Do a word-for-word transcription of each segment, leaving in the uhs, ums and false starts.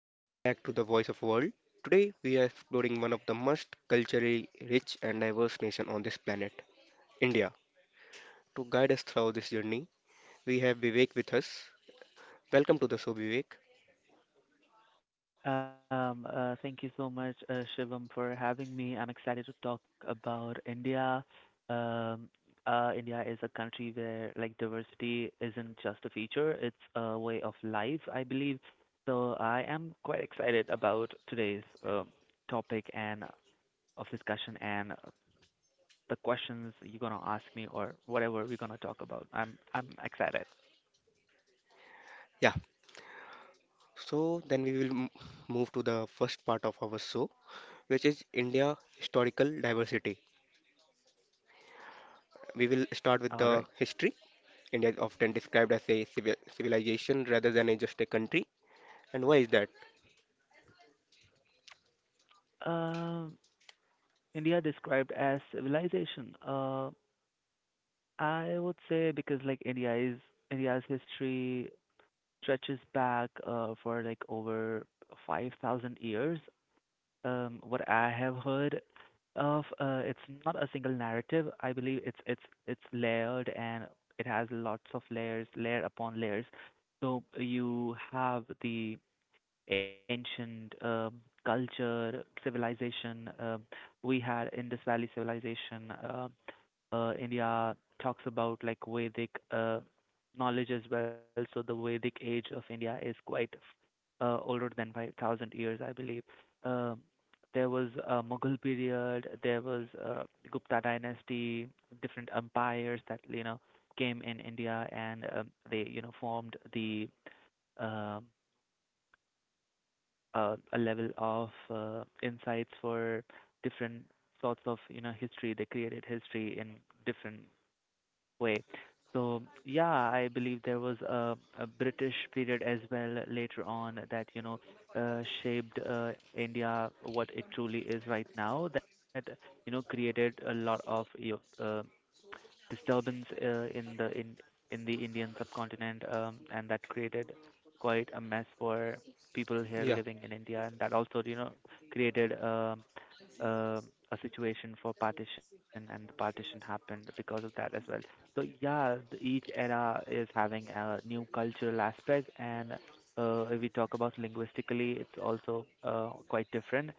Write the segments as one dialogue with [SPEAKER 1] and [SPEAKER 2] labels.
[SPEAKER 1] Welcome back to the Voice of World. Today we are exploring one of the most culturally rich and diverse nation on this planet, India. To guide us through this journey, we have Vivek with us. Welcome to the show, Vivek.
[SPEAKER 2] Um, uh, thank you so much, uh, Shivam, for having me. I'm excited to talk about India. Um, uh, India is a country where like diversity isn't just a feature; it's a way of life, I believe. So I am quite excited about today's um topic and uh, of discussion and uh, the questions you're gonna ask me or whatever we're gonna talk about. I'm I'm excited.
[SPEAKER 1] Yeah. So then we will m- move to the first part of our show, which is India historical diversity. We will start with the
[SPEAKER 2] All right.
[SPEAKER 1] history. India is often described as a civil civilization rather than a, just a country. And why is that?
[SPEAKER 2] Um, India described as civilization. Uh, I would say because like India's India's history stretches back uh, for like over five thousand years. Um, what I have heard of, uh, it's not a single narrative. I believe it's it's it's layered and it has lots of layers, layer upon layers. So you have the ancient um, culture, civilization. Um, we had Indus Valley civilization. Um, uh, India talks about like Vedic uh, knowledge as well. So the Vedic age of India is quite uh, older than five thousand years, I believe. Um there was a Mughal period, there was uh, Gupta dynasty, different empires that you know came in India, and um, they you know formed the um uh, a level of uh, insights for different sorts of you know history. They created history in different way. So yeah, I believe there was a, a British period as well later on that you know uh, shaped uh, India what it truly is right now. That you know created a lot of you know, uh, disturbance uh, in the in in the Indian subcontinent, um, and that created quite a mess for people here
[SPEAKER 1] Yeah.
[SPEAKER 2] living in India, and that also you know created um uh, a situation for partition, and the partition happened because of that as well. So yeah, th- each era is having a new cultural aspect, and uh, if we talk about linguistically, it's also uh, quite different,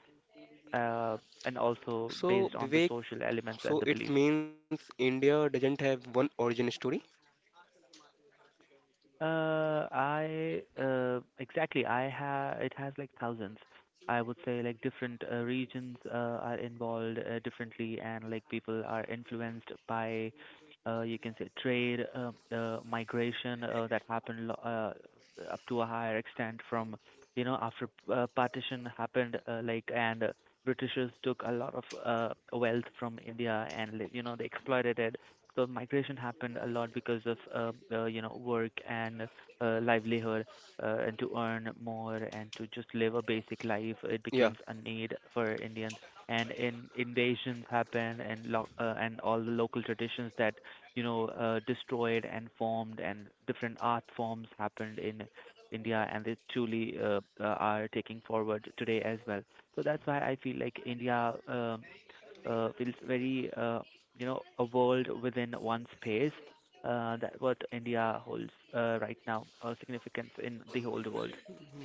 [SPEAKER 2] uh, and also
[SPEAKER 1] So,
[SPEAKER 2] based on the
[SPEAKER 1] Vivek,
[SPEAKER 2] social elements and
[SPEAKER 1] So
[SPEAKER 2] the
[SPEAKER 1] it
[SPEAKER 2] beliefs.
[SPEAKER 1] means India doesn't have one origin story.
[SPEAKER 2] Uh, I uh, Exactly. I ha It has like thousands. I would say like different uh, regions uh, are involved uh, differently, and like people are influenced by uh, you can say trade, uh, uh, migration uh, that happened lo- uh, up to a higher extent from you know after uh, partition happened, uh, like and uh, Britishers took a lot of uh, wealth from India and like, you know they exploited it, the migration happened a lot because of um, uh, you know work and uh, livelihood uh, and to earn more and to just live a basic life, it
[SPEAKER 1] Yeah,
[SPEAKER 2] becomes a need for indians and in invasions happen and lo- uh, and all the local traditions that you know uh, destroyed and formed, and different art forms happened in india and they truly uh, uh, are taking forward today as well. So that's why I feel like india um, uh, feels very uh, you know a world within one space. Uh, that what India holds uh, right now uh, significance in the whole world.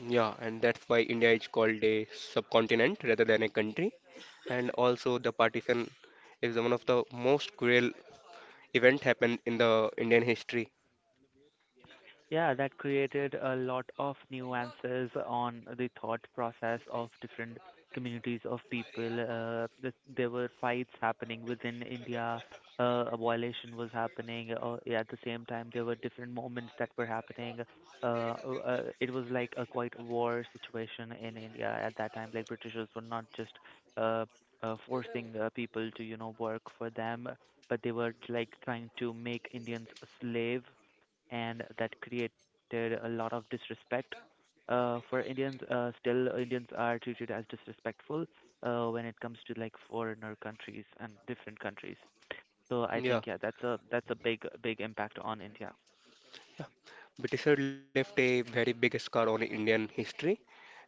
[SPEAKER 1] yeah, and that's why India is called a subcontinent rather than a country. And also, the partition is one of the most cruel event happened in the Indian history.
[SPEAKER 2] Yeah, that created a lot of nuances on the thought process of different communities of people. Uh, th- there were fights happening within India. Uh, a violation was happening. Uh, yeah, at the same time, there were different moments that were happening. Uh, uh, it was like a quite war situation in India at that time. Like Britishers were not just uh, uh, forcing uh, people to you know work for them, but they were like trying to make Indians slave, and that created a lot of disrespect uh, for Indians. Uh, still, Indians are treated as disrespectful uh, when it comes to like foreigner countries and different countries. So I
[SPEAKER 1] Yeah,
[SPEAKER 2] think yeah, that's a that's a big big impact on India.
[SPEAKER 1] Britisher left a very big scar on Indian history.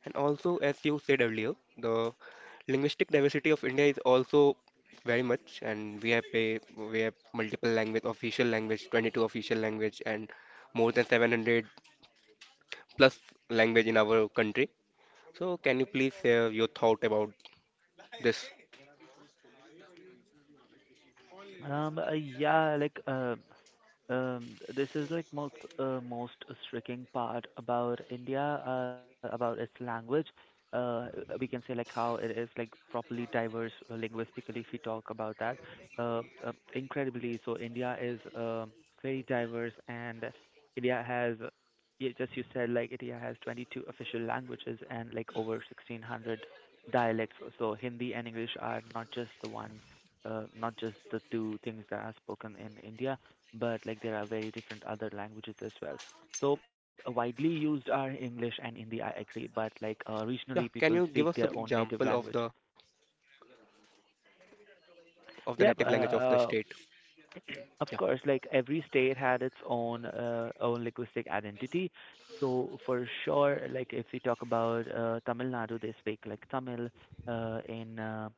[SPEAKER 1] And also, as you said earlier, the linguistic diversity of India is also very much, and we have a we have multiple language, official language, twenty-two official language, and more than seven hundred plus language in our country. So, can you please share your thought about this?
[SPEAKER 2] Um, uh, yeah, like uh, Um, this is like most uh, most striking part about India, uh, about its language. Uh, we can say like how it is like properly diverse uh, linguistically if we talk about that. Uh, uh, incredibly, so India is um, very diverse, and India has, yeah, just you said like India has twenty-two official languages and like over sixteen hundred dialects. So Hindi and English are not just the one, uh, not just the two things that are spoken in India, but like there are very different other languages as well. So uh, widely used are English and Hindi, I agree, but like uh,
[SPEAKER 1] Yeah,
[SPEAKER 2] regionally
[SPEAKER 1] can you
[SPEAKER 2] people
[SPEAKER 1] give
[SPEAKER 2] speak
[SPEAKER 1] us some
[SPEAKER 2] their own
[SPEAKER 1] example
[SPEAKER 2] native
[SPEAKER 1] of
[SPEAKER 2] language.
[SPEAKER 1] the of the native
[SPEAKER 2] Yeah, uh,
[SPEAKER 1] language of the state?
[SPEAKER 2] uh,
[SPEAKER 1] Yeah,
[SPEAKER 2] Of course, like every state had its own uh, own linguistic identity. So for sure, like if we talk about uh, Tamil Nadu, they speak like Tamil. Uh, in uh,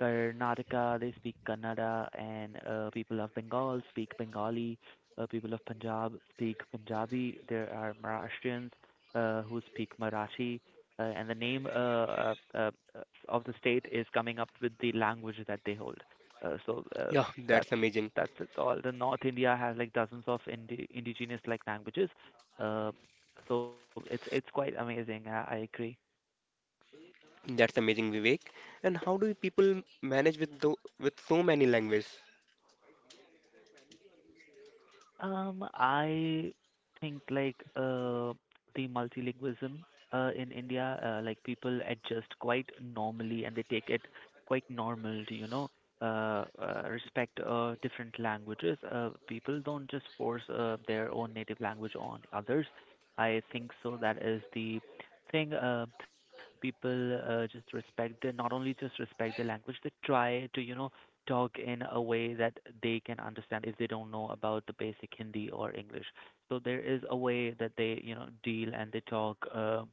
[SPEAKER 2] Karnataka, they speak Kannada, and uh, people of Bengal speak Bengali. Uh, people of Punjab speak Punjabi. There are Maharashtrians uh, who speak Marathi. Uh, and the name uh, uh, uh, of the state is coming up with the language that they hold. Uh, so
[SPEAKER 1] yeah,
[SPEAKER 2] uh,
[SPEAKER 1] that's
[SPEAKER 2] that's
[SPEAKER 1] amazing.
[SPEAKER 2] that's it all. The North India has like dozens of indi indigenous like languages. Uh, so it's it's quite amazing. I, I agree.
[SPEAKER 1] That's amazing, Vivek. And how do people manage with the, with so many languages?
[SPEAKER 2] Um, I think like uh, the multilingualism uh, in India, uh, like people adjust quite normally and they take it quite normal to, you know, uh, uh, respect uh, different languages. Uh, people don't just force uh, their own native language on others. I think so. That is the thing. Uh, people uh, just respect. They not only just respect the language, they try to, you know, talk in a way that they can understand if they don't know about the basic Hindi or English. So there is a way that they, you know, deal and they talk. Uh,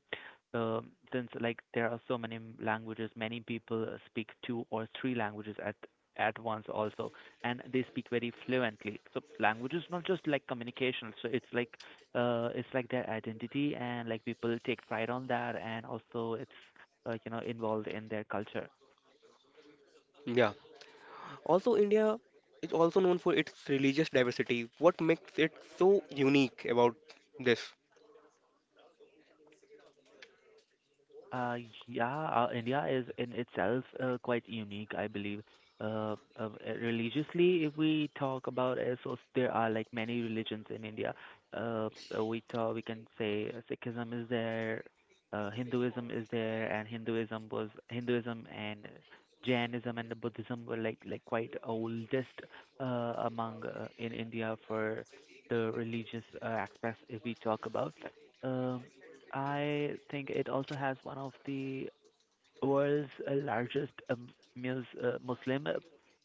[SPEAKER 2] um Since like there are so many m- languages, many people uh, speak two or three languages at at once also, and they speak very fluently. So language is not just like communication. So it's like uh, it's like their identity, and like people take pride on that, and also it's uh, you know involved in their culture.
[SPEAKER 1] Yeah. Also, India is also known for its religious diversity. What makes it so unique about this?
[SPEAKER 2] Uh, yeah, uh, India is in itself uh, quite unique, I believe. Uh, uh, uh, religiously, if we talk about it, so there are like many religions in India. Uh, uh, we talk, we can say uh, Sikhism is there, uh, Hinduism is there, and Hinduism was Hinduism and Jainism and the Buddhism were like like quite oldest uh, among uh, in India for the religious uh, aspects, if we talk about. Um, I think it also has one of the world's uh, largest um, mus- uh, Muslim uh,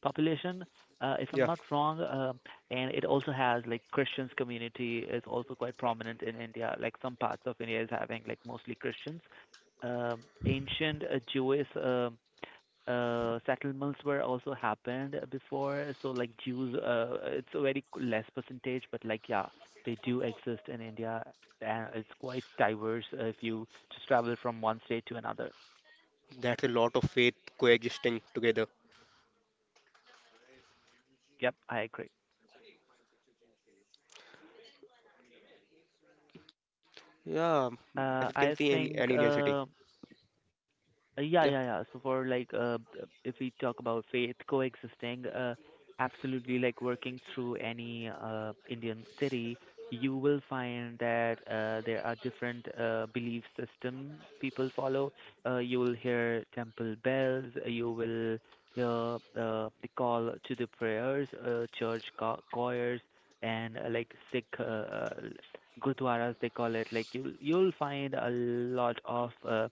[SPEAKER 2] population, uh, if I'm
[SPEAKER 1] Yeah,
[SPEAKER 2] not wrong. Um and it also has like Christians community is also quite prominent in India. Like some parts of India is having like mostly Christians. Um, ancient uh, Jewish um uh, settlements were also happened before. So like Jews, uh, it's a very less percentage, but like yeah, they do exist in India, and it's quite diverse uh, if you just travel from one state to another.
[SPEAKER 1] that's a lot of faith coexisting together.
[SPEAKER 2] Yep, I agree.
[SPEAKER 1] Yeah, as
[SPEAKER 2] Uh,
[SPEAKER 1] you can
[SPEAKER 2] I
[SPEAKER 1] see in
[SPEAKER 2] think
[SPEAKER 1] any Indian
[SPEAKER 2] uh,
[SPEAKER 1] city.
[SPEAKER 2] Uh, Yeah,
[SPEAKER 1] Yeah,
[SPEAKER 2] yeah, yeah. So for like, uh, b- if we talk about faith coexisting, uh, absolutely, like working through any uh, Indian city, you will find that uh, there are different uh, belief system people follow. Uh, you will hear temple bells, uh, you will hear uh, the call to the prayers, uh, church cho- choirs, and uh, like Sikh uh, uh, gurdwaras, they call it. Like you'll you'll find a lot of uh,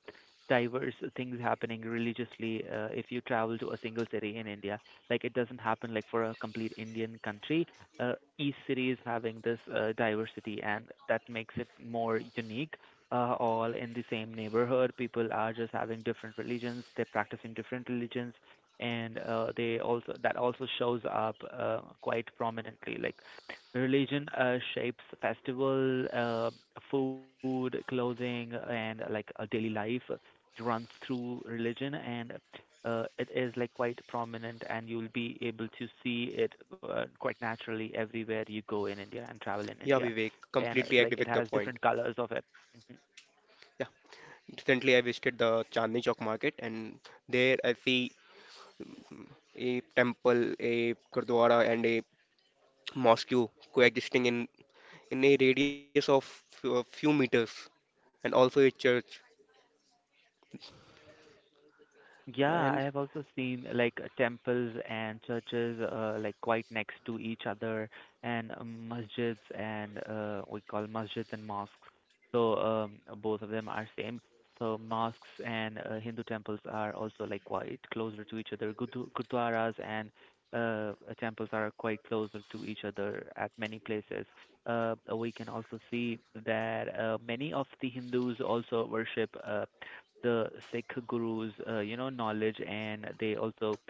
[SPEAKER 2] diverse things happening religiously uh, if you travel to a single city in India. Like it doesn't happen like for a complete Indian country. Uh, each city is having this uh, diversity, and that makes it more unique. Uh, all in the same neighborhood, people are just having different religions. They're practicing different religions, and uh, they also that also shows up uh, quite prominently. Like religion uh, shapes festival, uh, food, clothing, and uh, like a daily life, it runs through religion, and uh, it is like quite prominent, and you'll be able to see it uh, quite naturally everywhere you go in India and travel in
[SPEAKER 1] yeah,
[SPEAKER 2] India.
[SPEAKER 1] Vivek,
[SPEAKER 2] And uh,
[SPEAKER 1] completely agree
[SPEAKER 2] like it
[SPEAKER 1] with the
[SPEAKER 2] has
[SPEAKER 1] point.
[SPEAKER 2] different colors of it. Mm-hmm.
[SPEAKER 1] Yeah, recently I visited the Chandni Chowk market, and there I see a temple, a gurdwara, and a mosque coexisting in in a radius of few- a few meters and also a church and
[SPEAKER 2] Yeah, I have also seen like uh, temples and churches uh, like quite next to each other and um, masjids and uh, we call masjids and mosques. So um, both of them are same. So mosques and uh, Hindu temples are also like quite closer to each other. Gudu- Gurdwaras and uh, uh, temples are quite closer to each other at many places. Uh, we can also see that uh, many of the Hindus also worship uh, the Sikh gurus, uh, you know, knowledge, and they also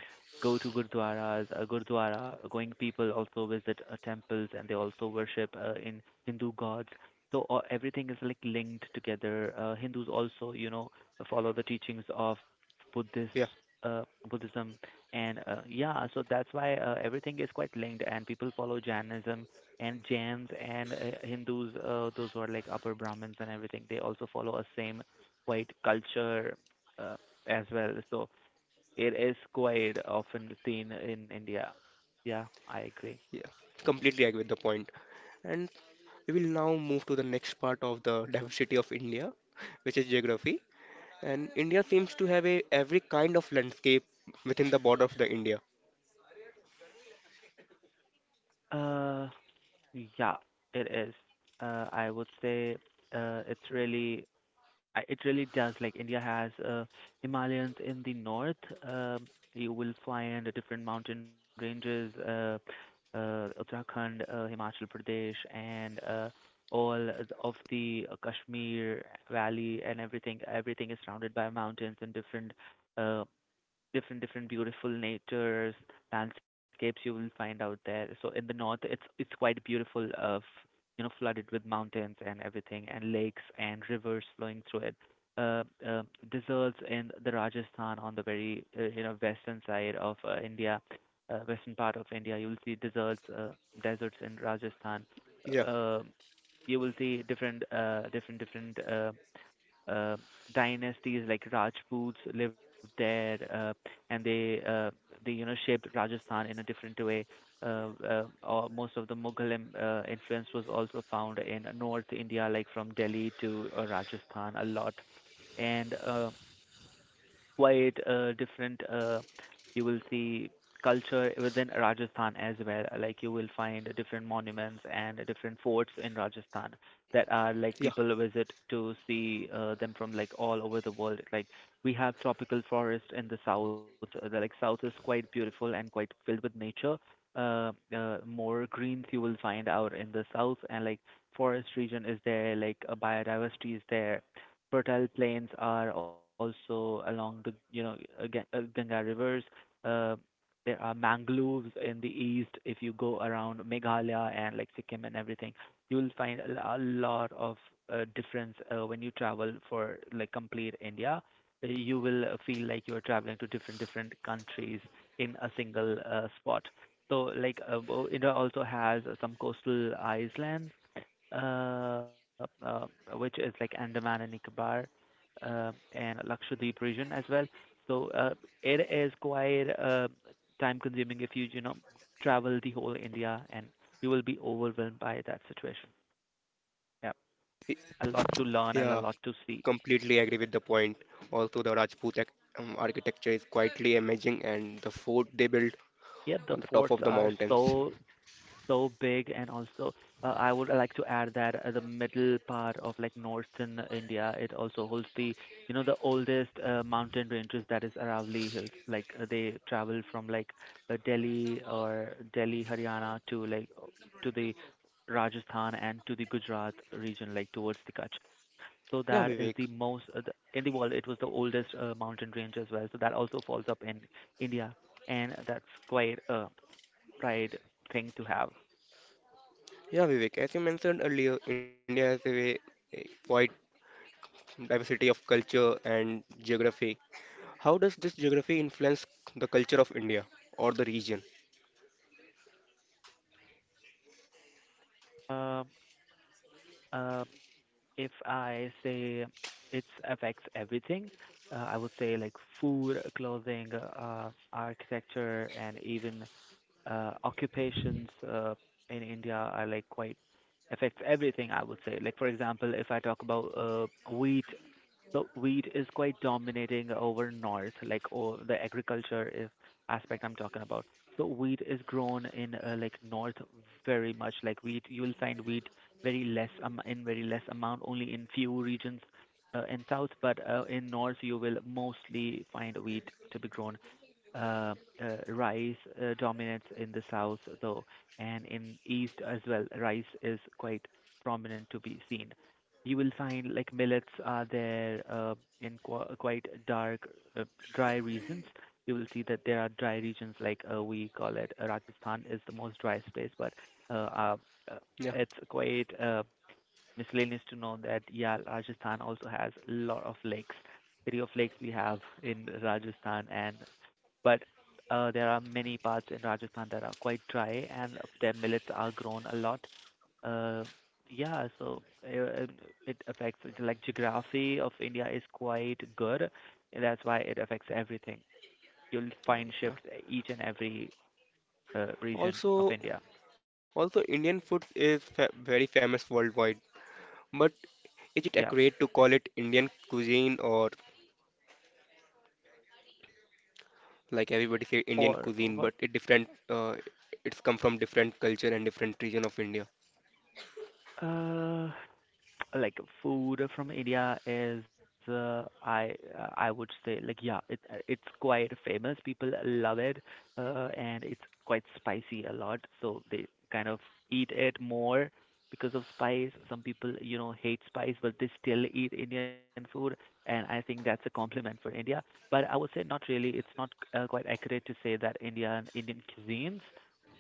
[SPEAKER 2] go to gurdwaras, uh, gurdwara, going people also visit uh, temples, and they also worship uh, in Hindu gods. So uh, everything is like linked together. Uh, Hindus also, you know, follow the teachings of Buddhist
[SPEAKER 1] yeah.
[SPEAKER 2] uh, Buddhism, and uh, yeah, so that's why uh, everything is quite linked, and people follow Jainism and Jains and uh, Hindus, uh, those who are like upper Brahmins and everything, they also follow a same quite culture uh, as well. So it is quite often seen in India. Yeah, I agree.
[SPEAKER 1] yeah Completely agree with the point point. And we will now move to the next part of the diversity of India, which is geography, and India seems to have a every kind of landscape within the border of the India.
[SPEAKER 2] Uh, yeah, it is. Uh, I would say uh, it's really I- It really does. Like India has uh, Himalayans in the north. Uh, you will find different mountain ranges, uh, uh, Uttarakhand, uh, Himachal Pradesh, and uh, all of the uh, Kashmir Valley and everything. Everything is surrounded by mountains and different uh, different different beautiful natures landscapes you will find out there. So in the north, it's it's quite beautiful of, you know, flooded with mountains and everything, and lakes and rivers flowing through it. uh, uh, Deserts in the Rajasthan, on the very uh, you know, western side of uh, India, uh, western part of India you will see deserts, uh, deserts in Rajasthan.
[SPEAKER 1] Yeah.
[SPEAKER 2] uh, you will see different uh, different different uh, uh, dynasties like Rajputs lived there, uh, and they uh, they, you know, shaped Rajasthan in a different way. Uh, uh, or most of the Mughal im- uh, influence was also found in North India, like from Delhi to uh, Rajasthan, a lot. And uh, quite uh, different. Uh, you will see culture within Rajasthan as well. Like you will find different monuments and different forts in Rajasthan that are like
[SPEAKER 1] yeah
[SPEAKER 2] people visit to see uh, them from like all over the world. Like we have tropical forest in the south. Uh, The like south is quite beautiful and quite filled with nature. Uh, uh, more greens you will find out in the south, and like forest region is there, like uh, biodiversity is there, fertile plains are also along the, you know, uh, Ga- uh, Ganga rivers. Uh, there are mangroves in the east. If you go around Meghalaya and like Sikkim and everything, you'll find a, l- a lot of uh, difference uh, when you travel for like complete India. Uh, You will uh, feel like you are traveling to different different countries in a single uh, spot. So like uh, Bo- India also has uh, some coastal islands, uh, uh, which is like Andaman and Nicobar, um and Lakshadweep region as well. So uh, it is quite uh, time-consuming if you, you know, travel the whole India, and you will be overwhelmed by that situation. Yeah, a
[SPEAKER 1] y-
[SPEAKER 2] lot to learn and a lot to
[SPEAKER 1] yeah
[SPEAKER 2] see.
[SPEAKER 1] completely agree with the point. Also the Rajput ac- um, architecture is quietly amazing and the fort they built
[SPEAKER 2] Yeah, the forts
[SPEAKER 1] on the top
[SPEAKER 2] are
[SPEAKER 1] of the
[SPEAKER 2] so
[SPEAKER 1] mountains.
[SPEAKER 2] so big. And also, uh, I would like to add that uh, the middle part of like northern India, it also holds the, you know, the oldest uh, mountain ranges, that is Aravalli Hills. Like uh, they travel from like uh, Delhi, or Delhi, Haryana, to like uh, to the Rajasthan and to the Gujarat region, like towards the Kutch. So that is
[SPEAKER 1] Yeah,
[SPEAKER 2] the
[SPEAKER 1] Vivek.
[SPEAKER 2] most uh, the, in the world. It was the oldest uh, mountain range as well. So that also falls up in India, and that's quite a pride thing to have.
[SPEAKER 1] Yeah, Vivek, as you mentioned earlier, India has a very a wide diversity of culture and geography. How does this geography influence the culture of India or the region?
[SPEAKER 2] Um, uh, if I say it affects everything, uh, I would say like food, clothing, uh, architecture, and even uh, occupations uh, in India are like quite affects everything. I would say, like for example, if I talk about uh, wheat, so wheat is quite dominating over north, like, oh, the agriculture is aspect I'm talking about. So wheat is grown in uh, like north very much. Like wheat, you will find wheat very less um, in very less amount, only in few regions uh, in south. But uh, in north, you will mostly find wheat to be grown. Uh, uh, Rice uh, dominates in the south though, and in east as well, rice is quite prominent to be seen. You will find like millets are there uh, in qu- quite dark, uh, dry regions. You will see that there are dry regions, like uh, we call it, uh, Rajasthan is the most driest place, but uh, uh, uh,
[SPEAKER 1] Yeah.
[SPEAKER 2] it's quite uh, miscellaneous to know that, yeah, Rajasthan also has a lot of lakes. City of lakes we have in Rajasthan, and but uh, there are many parts in Rajasthan that are quite dry and their millets are grown a lot. Uh, yeah, so uh, um, it affects like geography of India is quite good, and that's why it affects everything. You'll find shifts
[SPEAKER 1] yeah.
[SPEAKER 2] each and every uh, region of India.
[SPEAKER 1] Also, also Indian food is fa very famous worldwide. But is
[SPEAKER 2] Yeah.
[SPEAKER 1] it accurate to call it Indian cuisine? Or like everybody say Indian
[SPEAKER 2] Or
[SPEAKER 1] cuisine,
[SPEAKER 2] what?
[SPEAKER 1] but it different, uh, it's come from different culture and different region of India.
[SPEAKER 2] Uh, like food from India is uh, I I would say, like, yeah, it it's quite famous, people love it, uh, and it's quite spicy a lot, so they kind of eat it more because of spice. Some people, you know, hate spice, but they still eat Indian food, and I think that's a compliment for India. But I would say not really, it's not uh, quite accurate to say that Indian Indian cuisines,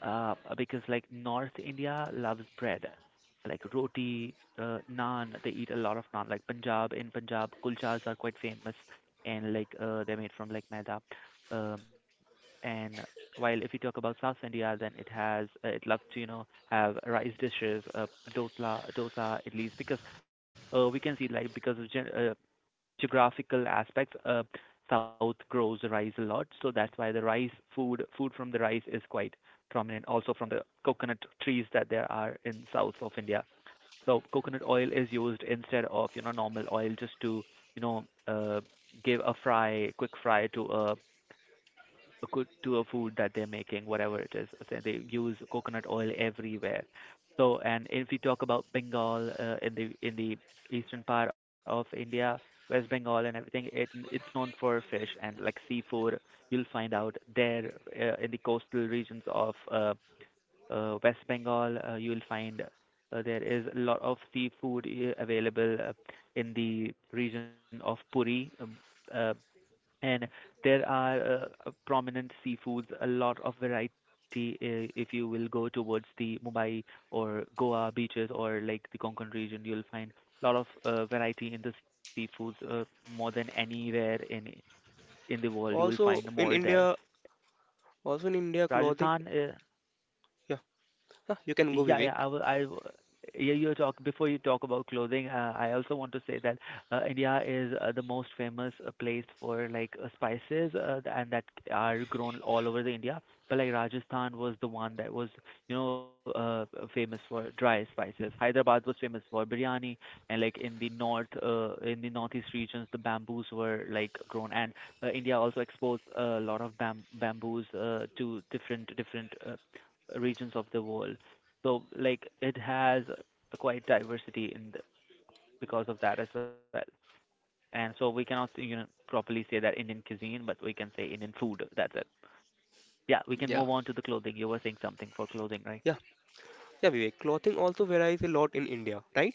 [SPEAKER 2] uh because like North India loves bread, like roti, uh, naan. They eat a lot of naan. Like Punjab, in Punjab, kulchas are quite famous, and like uh, they're made from like maida. Um, and while if you talk about South India, then it has uh, it loves to, you know, have rice dishes, uh, dosa, dosa, idlis, because uh, we can see like because of gen- uh, geographical aspects, uh, South grows rice a lot, so that's why the rice food food from the rice is quite prominent. Also from the coconut trees that there are in south of India, the coconut oil is used instead of, you know, normal oil, just to, you know, uh, give a fry, quick fry to a, a good to a food that they're making, whatever it is. So they use coconut oil everywhere. So, and if we talk about Bengal, uh, in the in the eastern part of India, West Bengal and everything, it it's known for fish and like seafood, you'll find out there. Uh, in the coastal regions of uh, uh, West Bengal, uh, you will find uh, there is a lot of seafood uh, available uh, in the region of Puri. Um, uh, and there are uh, uh, prominent seafoods, a lot of variety, uh, if you will go towards the Mumbai or Goa beaches, or like the Konkan region, you'll find a lot of uh, variety in the seafoods, uh, more than anywhere in in the world. You will
[SPEAKER 1] Also
[SPEAKER 2] find
[SPEAKER 1] in
[SPEAKER 2] more
[SPEAKER 1] India,
[SPEAKER 2] there.
[SPEAKER 1] also in India clothing.
[SPEAKER 2] Rajasthan uh,
[SPEAKER 1] Yeah. Huh, you can go
[SPEAKER 2] Yeah,
[SPEAKER 1] Vivek.
[SPEAKER 2] yeah. I will. I w- yeah, you talk, before you talk about clothing, Uh, I also want to say that uh, India is uh, the most famous uh, place for like uh, spices, uh, and that are grown all over the India. But like Rajasthan was the one that was, you know, uh, famous for dry spices. Hyderabad was famous for biryani, and like in the north, uh, in the northeast regions, the bamboos were like grown, and uh, India also exports a lot of bam- bamboos uh, to different different uh, regions of the world. So like it has a quite diversity in the, because of that as well. And so we cannot say, you know, properly say that Indian cuisine, but we can say Indian food. That's it. Yeah, we
[SPEAKER 1] Yeah.
[SPEAKER 2] can move on to the clothing. You were saying something for clothing,
[SPEAKER 1] Yeah,
[SPEAKER 2] right?
[SPEAKER 1] Yeah, Vivek, clothing also varies a lot in India, right?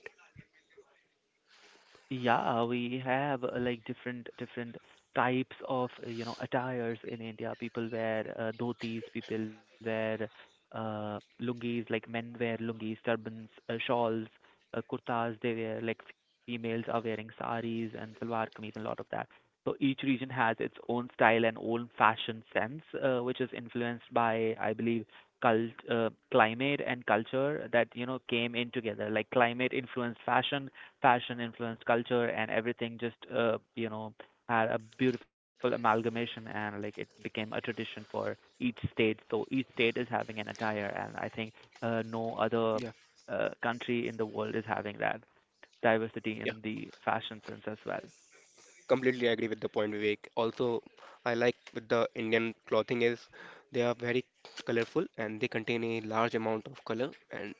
[SPEAKER 2] Yeah, we have uh, like different different types of uh, you know, attires in India. People wear uh, dhotis, people wear uh, lungis, like men wear lungis, turbans, uh, shawls, uh, kurtas. They wear like females are wearing saris and salwar kameez and a lot of that. So each region has its own style and own fashion sense, uh, which is influenced by, I believe, cult, uh, climate and culture that, you know, came in together. Like climate influenced fashion, fashion influenced culture, and everything just, uh, you know, had a beautiful amalgamation, and like it became a tradition for each state. So each state is having an attire, and I think uh, no
[SPEAKER 1] Yeah.
[SPEAKER 2] other uh, country in the world is having that diversity
[SPEAKER 1] Yeah,
[SPEAKER 2] in the fashion sense as well.
[SPEAKER 1] completely agree with the point, Vivek. Also, I like with the Indian clothing is they are very colorful and they contain a large amount of color and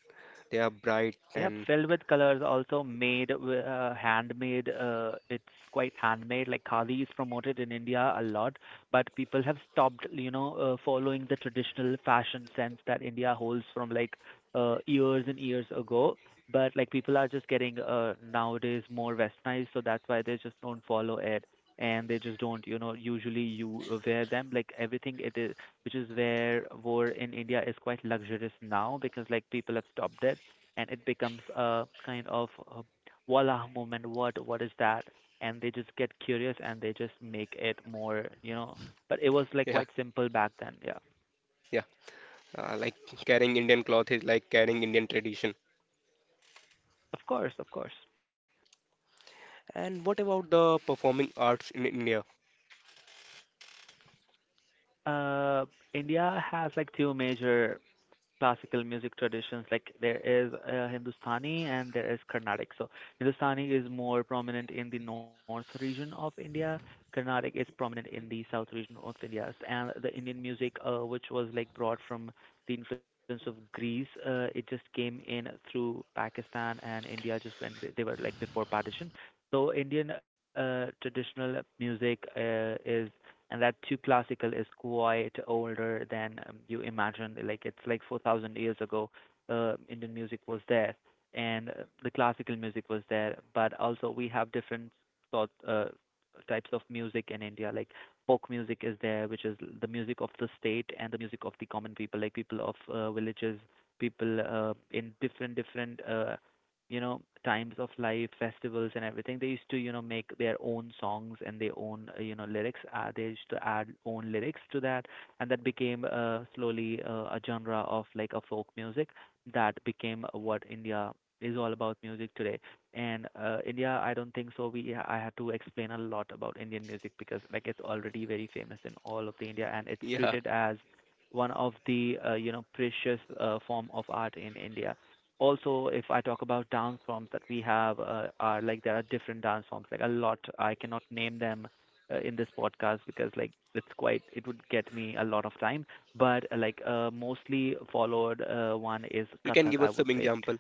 [SPEAKER 1] they are bright
[SPEAKER 2] Yep,
[SPEAKER 1] and
[SPEAKER 2] filled with colors, also made, wi- uh, handmade. Uh, it's quite handmade. Like khadi is promoted in India a lot, but people have stopped, you know, uh, following the traditional fashion sense that India holds from like uh, years and years ago. But like people are just getting uh, nowadays more westernized, so that's why they just don't follow it, and they just don't, you know, usually you uh, wear them. Like everything it is, which is where war in India is quite luxurious now because like people have stopped it and it becomes a kind of a voila moment. What what is that? And they just get curious and they just make it more, you know, but it was like
[SPEAKER 1] yeah,
[SPEAKER 2] quite simple back then. Yeah,
[SPEAKER 1] yeah. Uh, like carrying Indian cloth is like carrying Indian tradition.
[SPEAKER 2] of course, of course.
[SPEAKER 1] And what about the performing arts in India?
[SPEAKER 2] Uh india has like two major classical music traditions. Like there is uh, Hindustani and there is Carnatic. So Hindustani is more prominent in the north region of India, Carnatic is prominent in the south region of India. S- and the Indian music, uh, which was like brought from the influence of Greece, uh, it just came in through Pakistan and India just when they they were like before partition. So Indian uh, traditional music uh, is, and that too classical, is quite older than um, you imagine. Like it's like four thousand years ago, uh, Indian music was there, and uh, the classical music was there. But also we have different sort uh, types of music in India. Like folk music is there, which is the music of the state and the music of the common people, like people of uh, villages, people uh, in different different uh, you know, times of life, festivals and everything. They used to, you know, make their own songs and their own, uh, you know, lyrics. Uh, they used to add own lyrics to that, and that became uh, slowly uh, a genre of like a folk music. That became what India is all about music today. And uh, India, I don't think so we I had to explain a lot about Indian music, because like it's already very famous in all of the India, and it's
[SPEAKER 1] Yeah,
[SPEAKER 2] treated as one of the, uh, you know, precious uh, form of art in India. Also, if I talk about dance forms that we have, uh, are like there are different dance forms. Like a lot, I cannot name them uh, in this podcast, because like it's quite, it would get me a lot of time. But uh, like, uh, mostly followed uh, one is
[SPEAKER 1] you can
[SPEAKER 2] Kathak,
[SPEAKER 1] give
[SPEAKER 2] I
[SPEAKER 1] us
[SPEAKER 2] would
[SPEAKER 1] some
[SPEAKER 2] say.
[SPEAKER 1] example.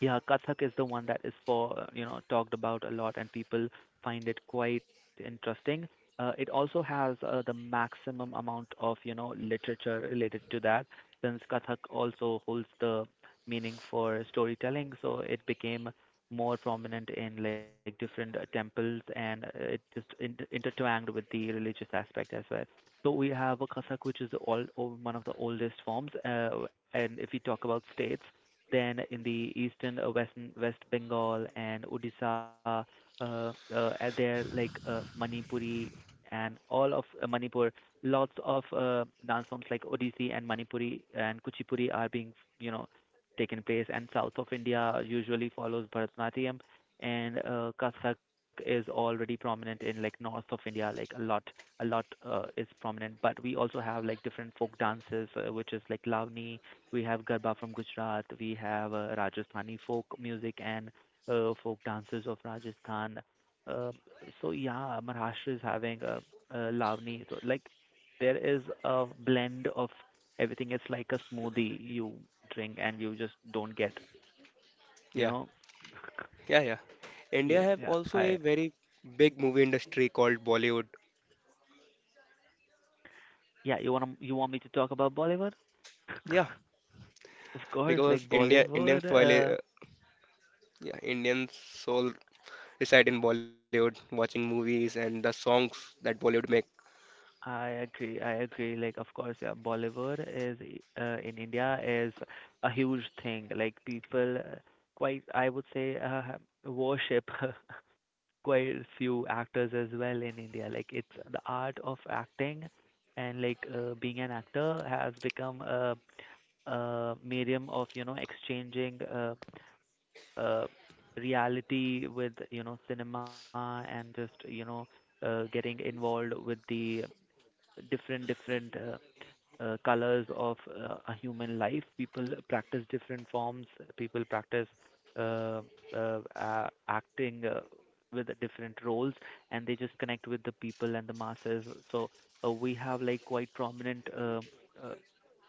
[SPEAKER 2] Yeah, Kathak is the one that is, for you know, talked about a lot, and people find it quite interesting. Uh, it also has uh, the maximum amount of, you know, literature related to that, since Kathak also holds the meaning for storytelling, so it became more prominent in like different uh, temples, and uh, it just in- intertwined with the religious aspect as well. So we have a Kathak, which is the old, o- one of the oldest forms. Uh, and if we talk about states, then in the eastern uh, West West Bengal and Odisha, uh, uh, and there like uh, Manipuri and all of uh, Manipur, lots of uh, dance forms like Odissi and Manipuri and Kuchipuri are being, you know, taken place. And south of India usually follows Bharatanatyam, and uh, Kathak is already prominent in like north of India, like a lot a lot uh, is prominent. But we also have like different folk dances, uh, which is like Lavani. We have Garba from Gujarat. We have uh, Rajasthani folk music and uh, folk dances of Rajasthan. Uh, so yeah, Maharashtra is having uh, uh, Lavani. So like there is a blend of everything. It's like a smoothie you drink and you just don't get. You
[SPEAKER 1] Yeah,
[SPEAKER 2] know?
[SPEAKER 1] yeah, yeah. India
[SPEAKER 2] Yeah,
[SPEAKER 1] have
[SPEAKER 2] yeah.
[SPEAKER 1] also a
[SPEAKER 2] I
[SPEAKER 1] very big movie industry called Bollywood.
[SPEAKER 2] yeah. You want you want me to talk about Bollywood?
[SPEAKER 1] Yeah,
[SPEAKER 2] Of course,
[SPEAKER 1] because
[SPEAKER 2] like
[SPEAKER 1] India Indian
[SPEAKER 2] Bollywood.
[SPEAKER 1] soil i-
[SPEAKER 2] Uh,
[SPEAKER 1] uh, yeah, Indian soul reside in Bollywood, watching movies and the songs that Bollywood make.
[SPEAKER 2] I agree. I agree. Like, of course, yeah, Bollywood is, uh, in India, is a huge thing. Like, people, uh, quite, I would say, uh, worship quite few actors as well in India. Like, it's the art of acting, and like uh, being an actor has become a, a medium of, you know, exchanging uh, uh, reality with, you know, cinema, and just, you know, uh, getting involved with the different different uh, uh, colors of uh, a human life. People practice different forms. People practice uh, uh, a- acting uh, with different roles, and they just connect with the people and the masses. So uh, we have like quite prominent uh, uh,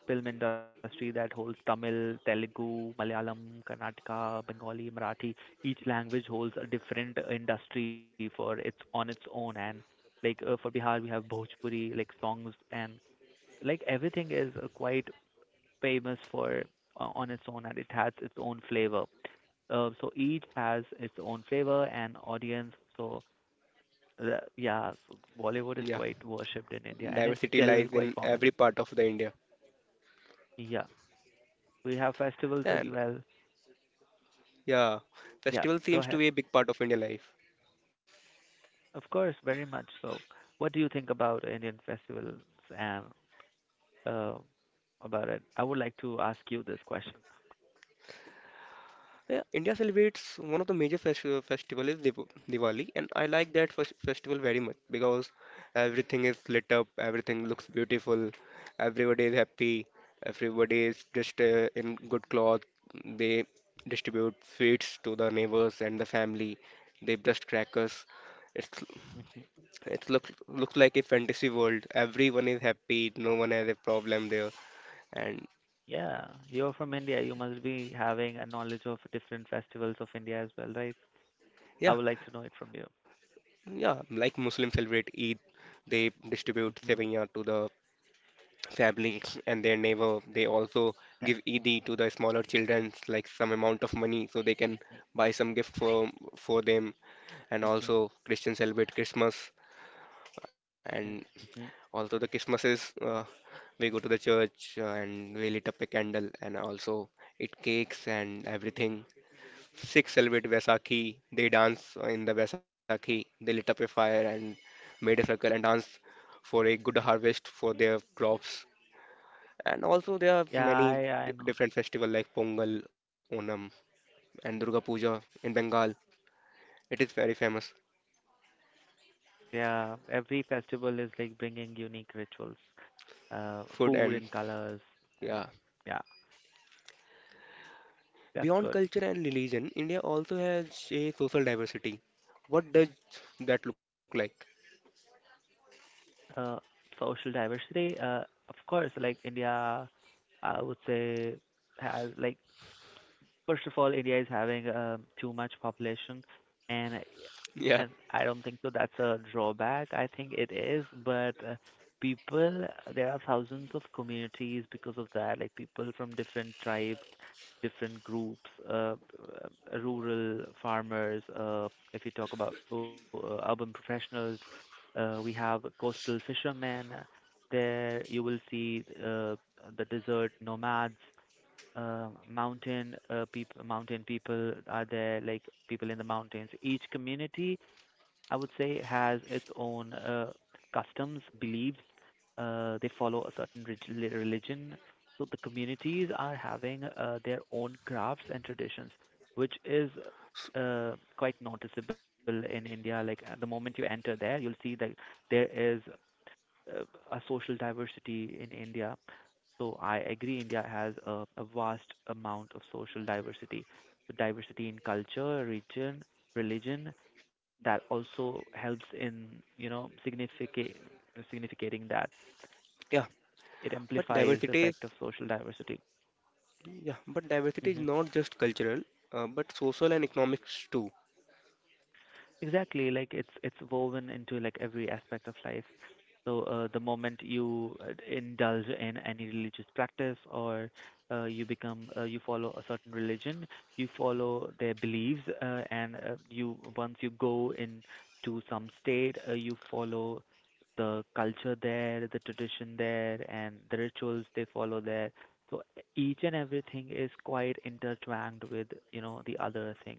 [SPEAKER 2] film industry that holds Tamil, Telugu, Malayalam, Karnataka, Bengali, Marathi. Each language holds a different uh, industry for its on its own. And like uh, for Bihar, we have Bhojpuri, like songs, and like everything is uh, quite famous for uh, on its own, and it has its own flavor. Uh, so each has its own flavor and audience. So uh, yeah, so Bollywood is
[SPEAKER 1] Yeah,
[SPEAKER 2] quite worshipped in India, and it's
[SPEAKER 1] diversity
[SPEAKER 2] still
[SPEAKER 1] lies
[SPEAKER 2] quite
[SPEAKER 1] in every
[SPEAKER 2] prominent.
[SPEAKER 1] part of the India.
[SPEAKER 2] Yeah, we have festivals as
[SPEAKER 1] And
[SPEAKER 2] well.
[SPEAKER 1] yeah,
[SPEAKER 2] Yeah,
[SPEAKER 1] festival
[SPEAKER 2] go
[SPEAKER 1] seems to
[SPEAKER 2] ahead.
[SPEAKER 1] be a big part of Indian life.
[SPEAKER 2] Of course, very much so. What do you think about Indian festivals and uh, about it? I would like to ask you this question.
[SPEAKER 1] Yeah, India celebrates one of the major festival festival is Div Diwali, and I like that fes- festival very much because everything is lit up, everything looks beautiful, everybody is happy, everybody is dressed uh, in good cloth. They distribute sweets to the neighbors and the family. They bust crackers. It's
[SPEAKER 2] Mm-hmm.
[SPEAKER 1] it looks looks like a fantasy world. Everyone is happy. No one has a problem there, and
[SPEAKER 2] Yeah, you're from India. You must be having a knowledge of different festivals of India as well, right? I
[SPEAKER 1] yeah.
[SPEAKER 2] would like to know it from you.
[SPEAKER 1] Yeah, like Muslims celebrate Eid, they distribute
[SPEAKER 2] Hmm.
[SPEAKER 1] seviyah to the families and their neighbor. They also
[SPEAKER 2] Yeah.
[SPEAKER 1] give Eid to the smaller children, like some amount of money, so they can
[SPEAKER 2] Hmm.
[SPEAKER 1] buy some gift for for them. And
[SPEAKER 2] Hmm.
[SPEAKER 1] also Christians celebrate Christmas, and
[SPEAKER 2] Hmm.
[SPEAKER 1] also the Christmases, uh, we go to the church uh, and we lit up a candle and also eat cakes and everything. Sikhs celebrate Vaisakhi. They dance in the Vaisakhi. They lit up a fire and made a circle and dance for a good harvest for their crops. And also there are
[SPEAKER 2] Yeah,
[SPEAKER 1] many
[SPEAKER 2] I I
[SPEAKER 1] d-
[SPEAKER 2] know.
[SPEAKER 1] different festivals like Pongal, Onam, and Durga Puja in Bengal. It is very famous
[SPEAKER 2] Yeah, every festival is like bringing unique rituals, uh,
[SPEAKER 1] food
[SPEAKER 2] food
[SPEAKER 1] and
[SPEAKER 2] and colors, and
[SPEAKER 1] yeah.
[SPEAKER 2] yeah, that's
[SPEAKER 1] Beyond
[SPEAKER 2] good.
[SPEAKER 1] culture and religion, India also has a social diversity. What does that look like?
[SPEAKER 2] Uh, social diversity, uh, of course, like India, I would say, has like, first of all, India is having um too much population, and
[SPEAKER 1] Yeah,
[SPEAKER 2] and I don't think so that's a drawback. I think it is, but uh, people, there are thousands of communities because of that, like people from different tribes, different groups, uh, uh, rural farmers. Uh, if you talk about so, uh, urban professionals, uh, we have coastal fishermen. There you will see uh, the desert nomads, uh, mountain uh, people. Mountain people are there, like people in the mountains. Each community, I would say, has its own uh, customs, beliefs. Uh, they follow a certain relig- religion. So the communities are having uh, their own crafts and traditions, which is uh, quite noticeable in India. Like at the moment you enter there, you'll see that there is uh, a social diversity in India. So I agree, India has a, a vast amount of social diversity. The diversity in culture, region, religion, that also helps in, you know, significate significating that,
[SPEAKER 1] yeah.
[SPEAKER 2] it
[SPEAKER 1] But
[SPEAKER 2] amplifies the
[SPEAKER 1] diversity is
[SPEAKER 2] effect of social diversity.
[SPEAKER 1] Yeah, but diversity is
[SPEAKER 2] Hmm.
[SPEAKER 1] not just cultural, uh, but social and economics too.
[SPEAKER 2] Exactly, like it's it's woven into like every aspect of life. So uh, the moment you uh, indulge in any religious practice, or uh, you become uh, you follow a certain religion, you follow their beliefs, uh, and uh, you, once you go into some state, uh, you follow the culture there, the tradition there, and the rituals they follow there. So each and everything is quite intertwined with, you know, the other thing.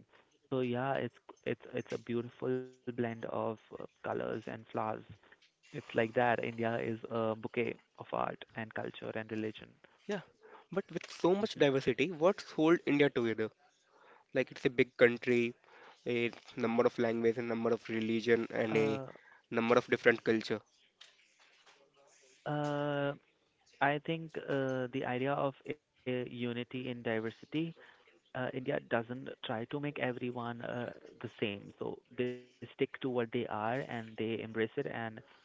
[SPEAKER 2] So yeah, it's it's it's a beautiful blend of uh, colors and flowers. It's like that. India is a bouquet of art and culture and religion.
[SPEAKER 1] Yeah, but with so much
[SPEAKER 2] Mhm.
[SPEAKER 1] diversity, what's hold India together? Like it's a big country, a number of languages, a number of religion, and a
[SPEAKER 2] Uh,
[SPEAKER 1] number of different culture.
[SPEAKER 2] uh, I think uh, the idea of uh, unity in diversity, uh, India doesn't try to make everyone uh, the same. So they stick to what they are and they embrace it, and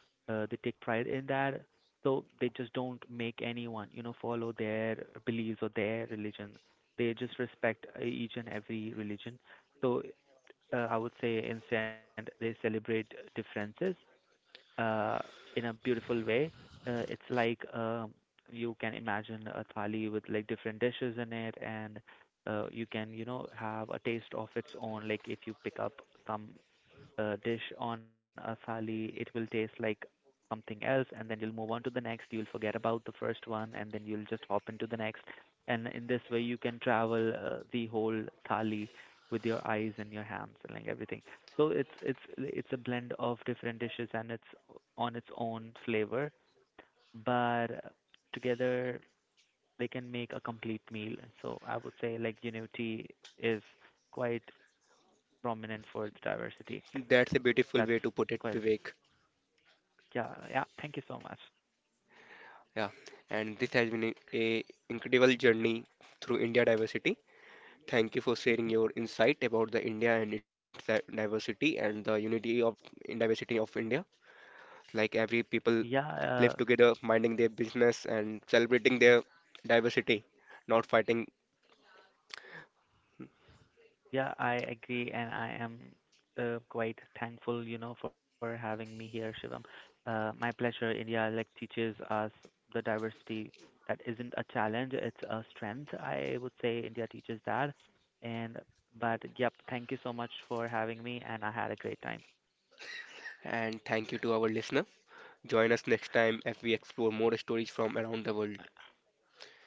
[SPEAKER 2] uh, they take pride in that. So they just don't make anyone, you know, follow their beliefs or their religion. They just respect uh, each and every religion. So uh, I would say instead they celebrate differences uh, in a beautiful way. Uh, it's like, um, you can imagine a thali with like different dishes in it, and uh, you can, you know, have a taste of its own. Like if you pick up some uh, dish on a thali, it will taste like something else, and then you'll move on to the next. You'll forget about the first one and then you'll just hop into the next. And in this way you can travel uh, the whole thali with your eyes and your hands and like everything. So it's it's it's a blend of different dishes, and it's on its own flavor, but uh, together they can make a complete meal. So I would say like unity is quite prominent for its diversity.
[SPEAKER 1] That's a
[SPEAKER 2] That's
[SPEAKER 1] beautiful way to
[SPEAKER 2] quite,
[SPEAKER 1] put it, Vivek.
[SPEAKER 2] yeah, yeah, thank you so much.
[SPEAKER 1] Yeah, and this has been a, a incredible journey through India diversity. Thank you for
[SPEAKER 2] Hmm.
[SPEAKER 1] sharing your insight about the India and its di- diversity and the unity of in diversity of India. Like every
[SPEAKER 2] Yeah,
[SPEAKER 1] people
[SPEAKER 2] uh,
[SPEAKER 1] live together, minding their business and celebrating their diversity, not fighting.
[SPEAKER 2] yeah, I agree, and I am uh, quite thankful, you know, for having me here, Shivam. Uh, my pleasure. India like teaches us the diversity that isn't a challenge; it's a strength. I would say India teaches that. And but yep, thank you so much for having me, and I had a great time.
[SPEAKER 1] And thank you to our listener. Join us next time as we explore more stories from around the world.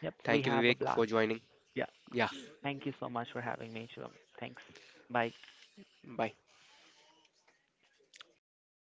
[SPEAKER 2] Yep, we
[SPEAKER 1] Thank you,
[SPEAKER 2] have a
[SPEAKER 1] Vivek, for
[SPEAKER 2] blast.
[SPEAKER 1] joining.
[SPEAKER 2] Yeah,
[SPEAKER 1] Yeah,
[SPEAKER 2] thank you so much for having me, Shivam. Thanks. Bye.
[SPEAKER 1] bye.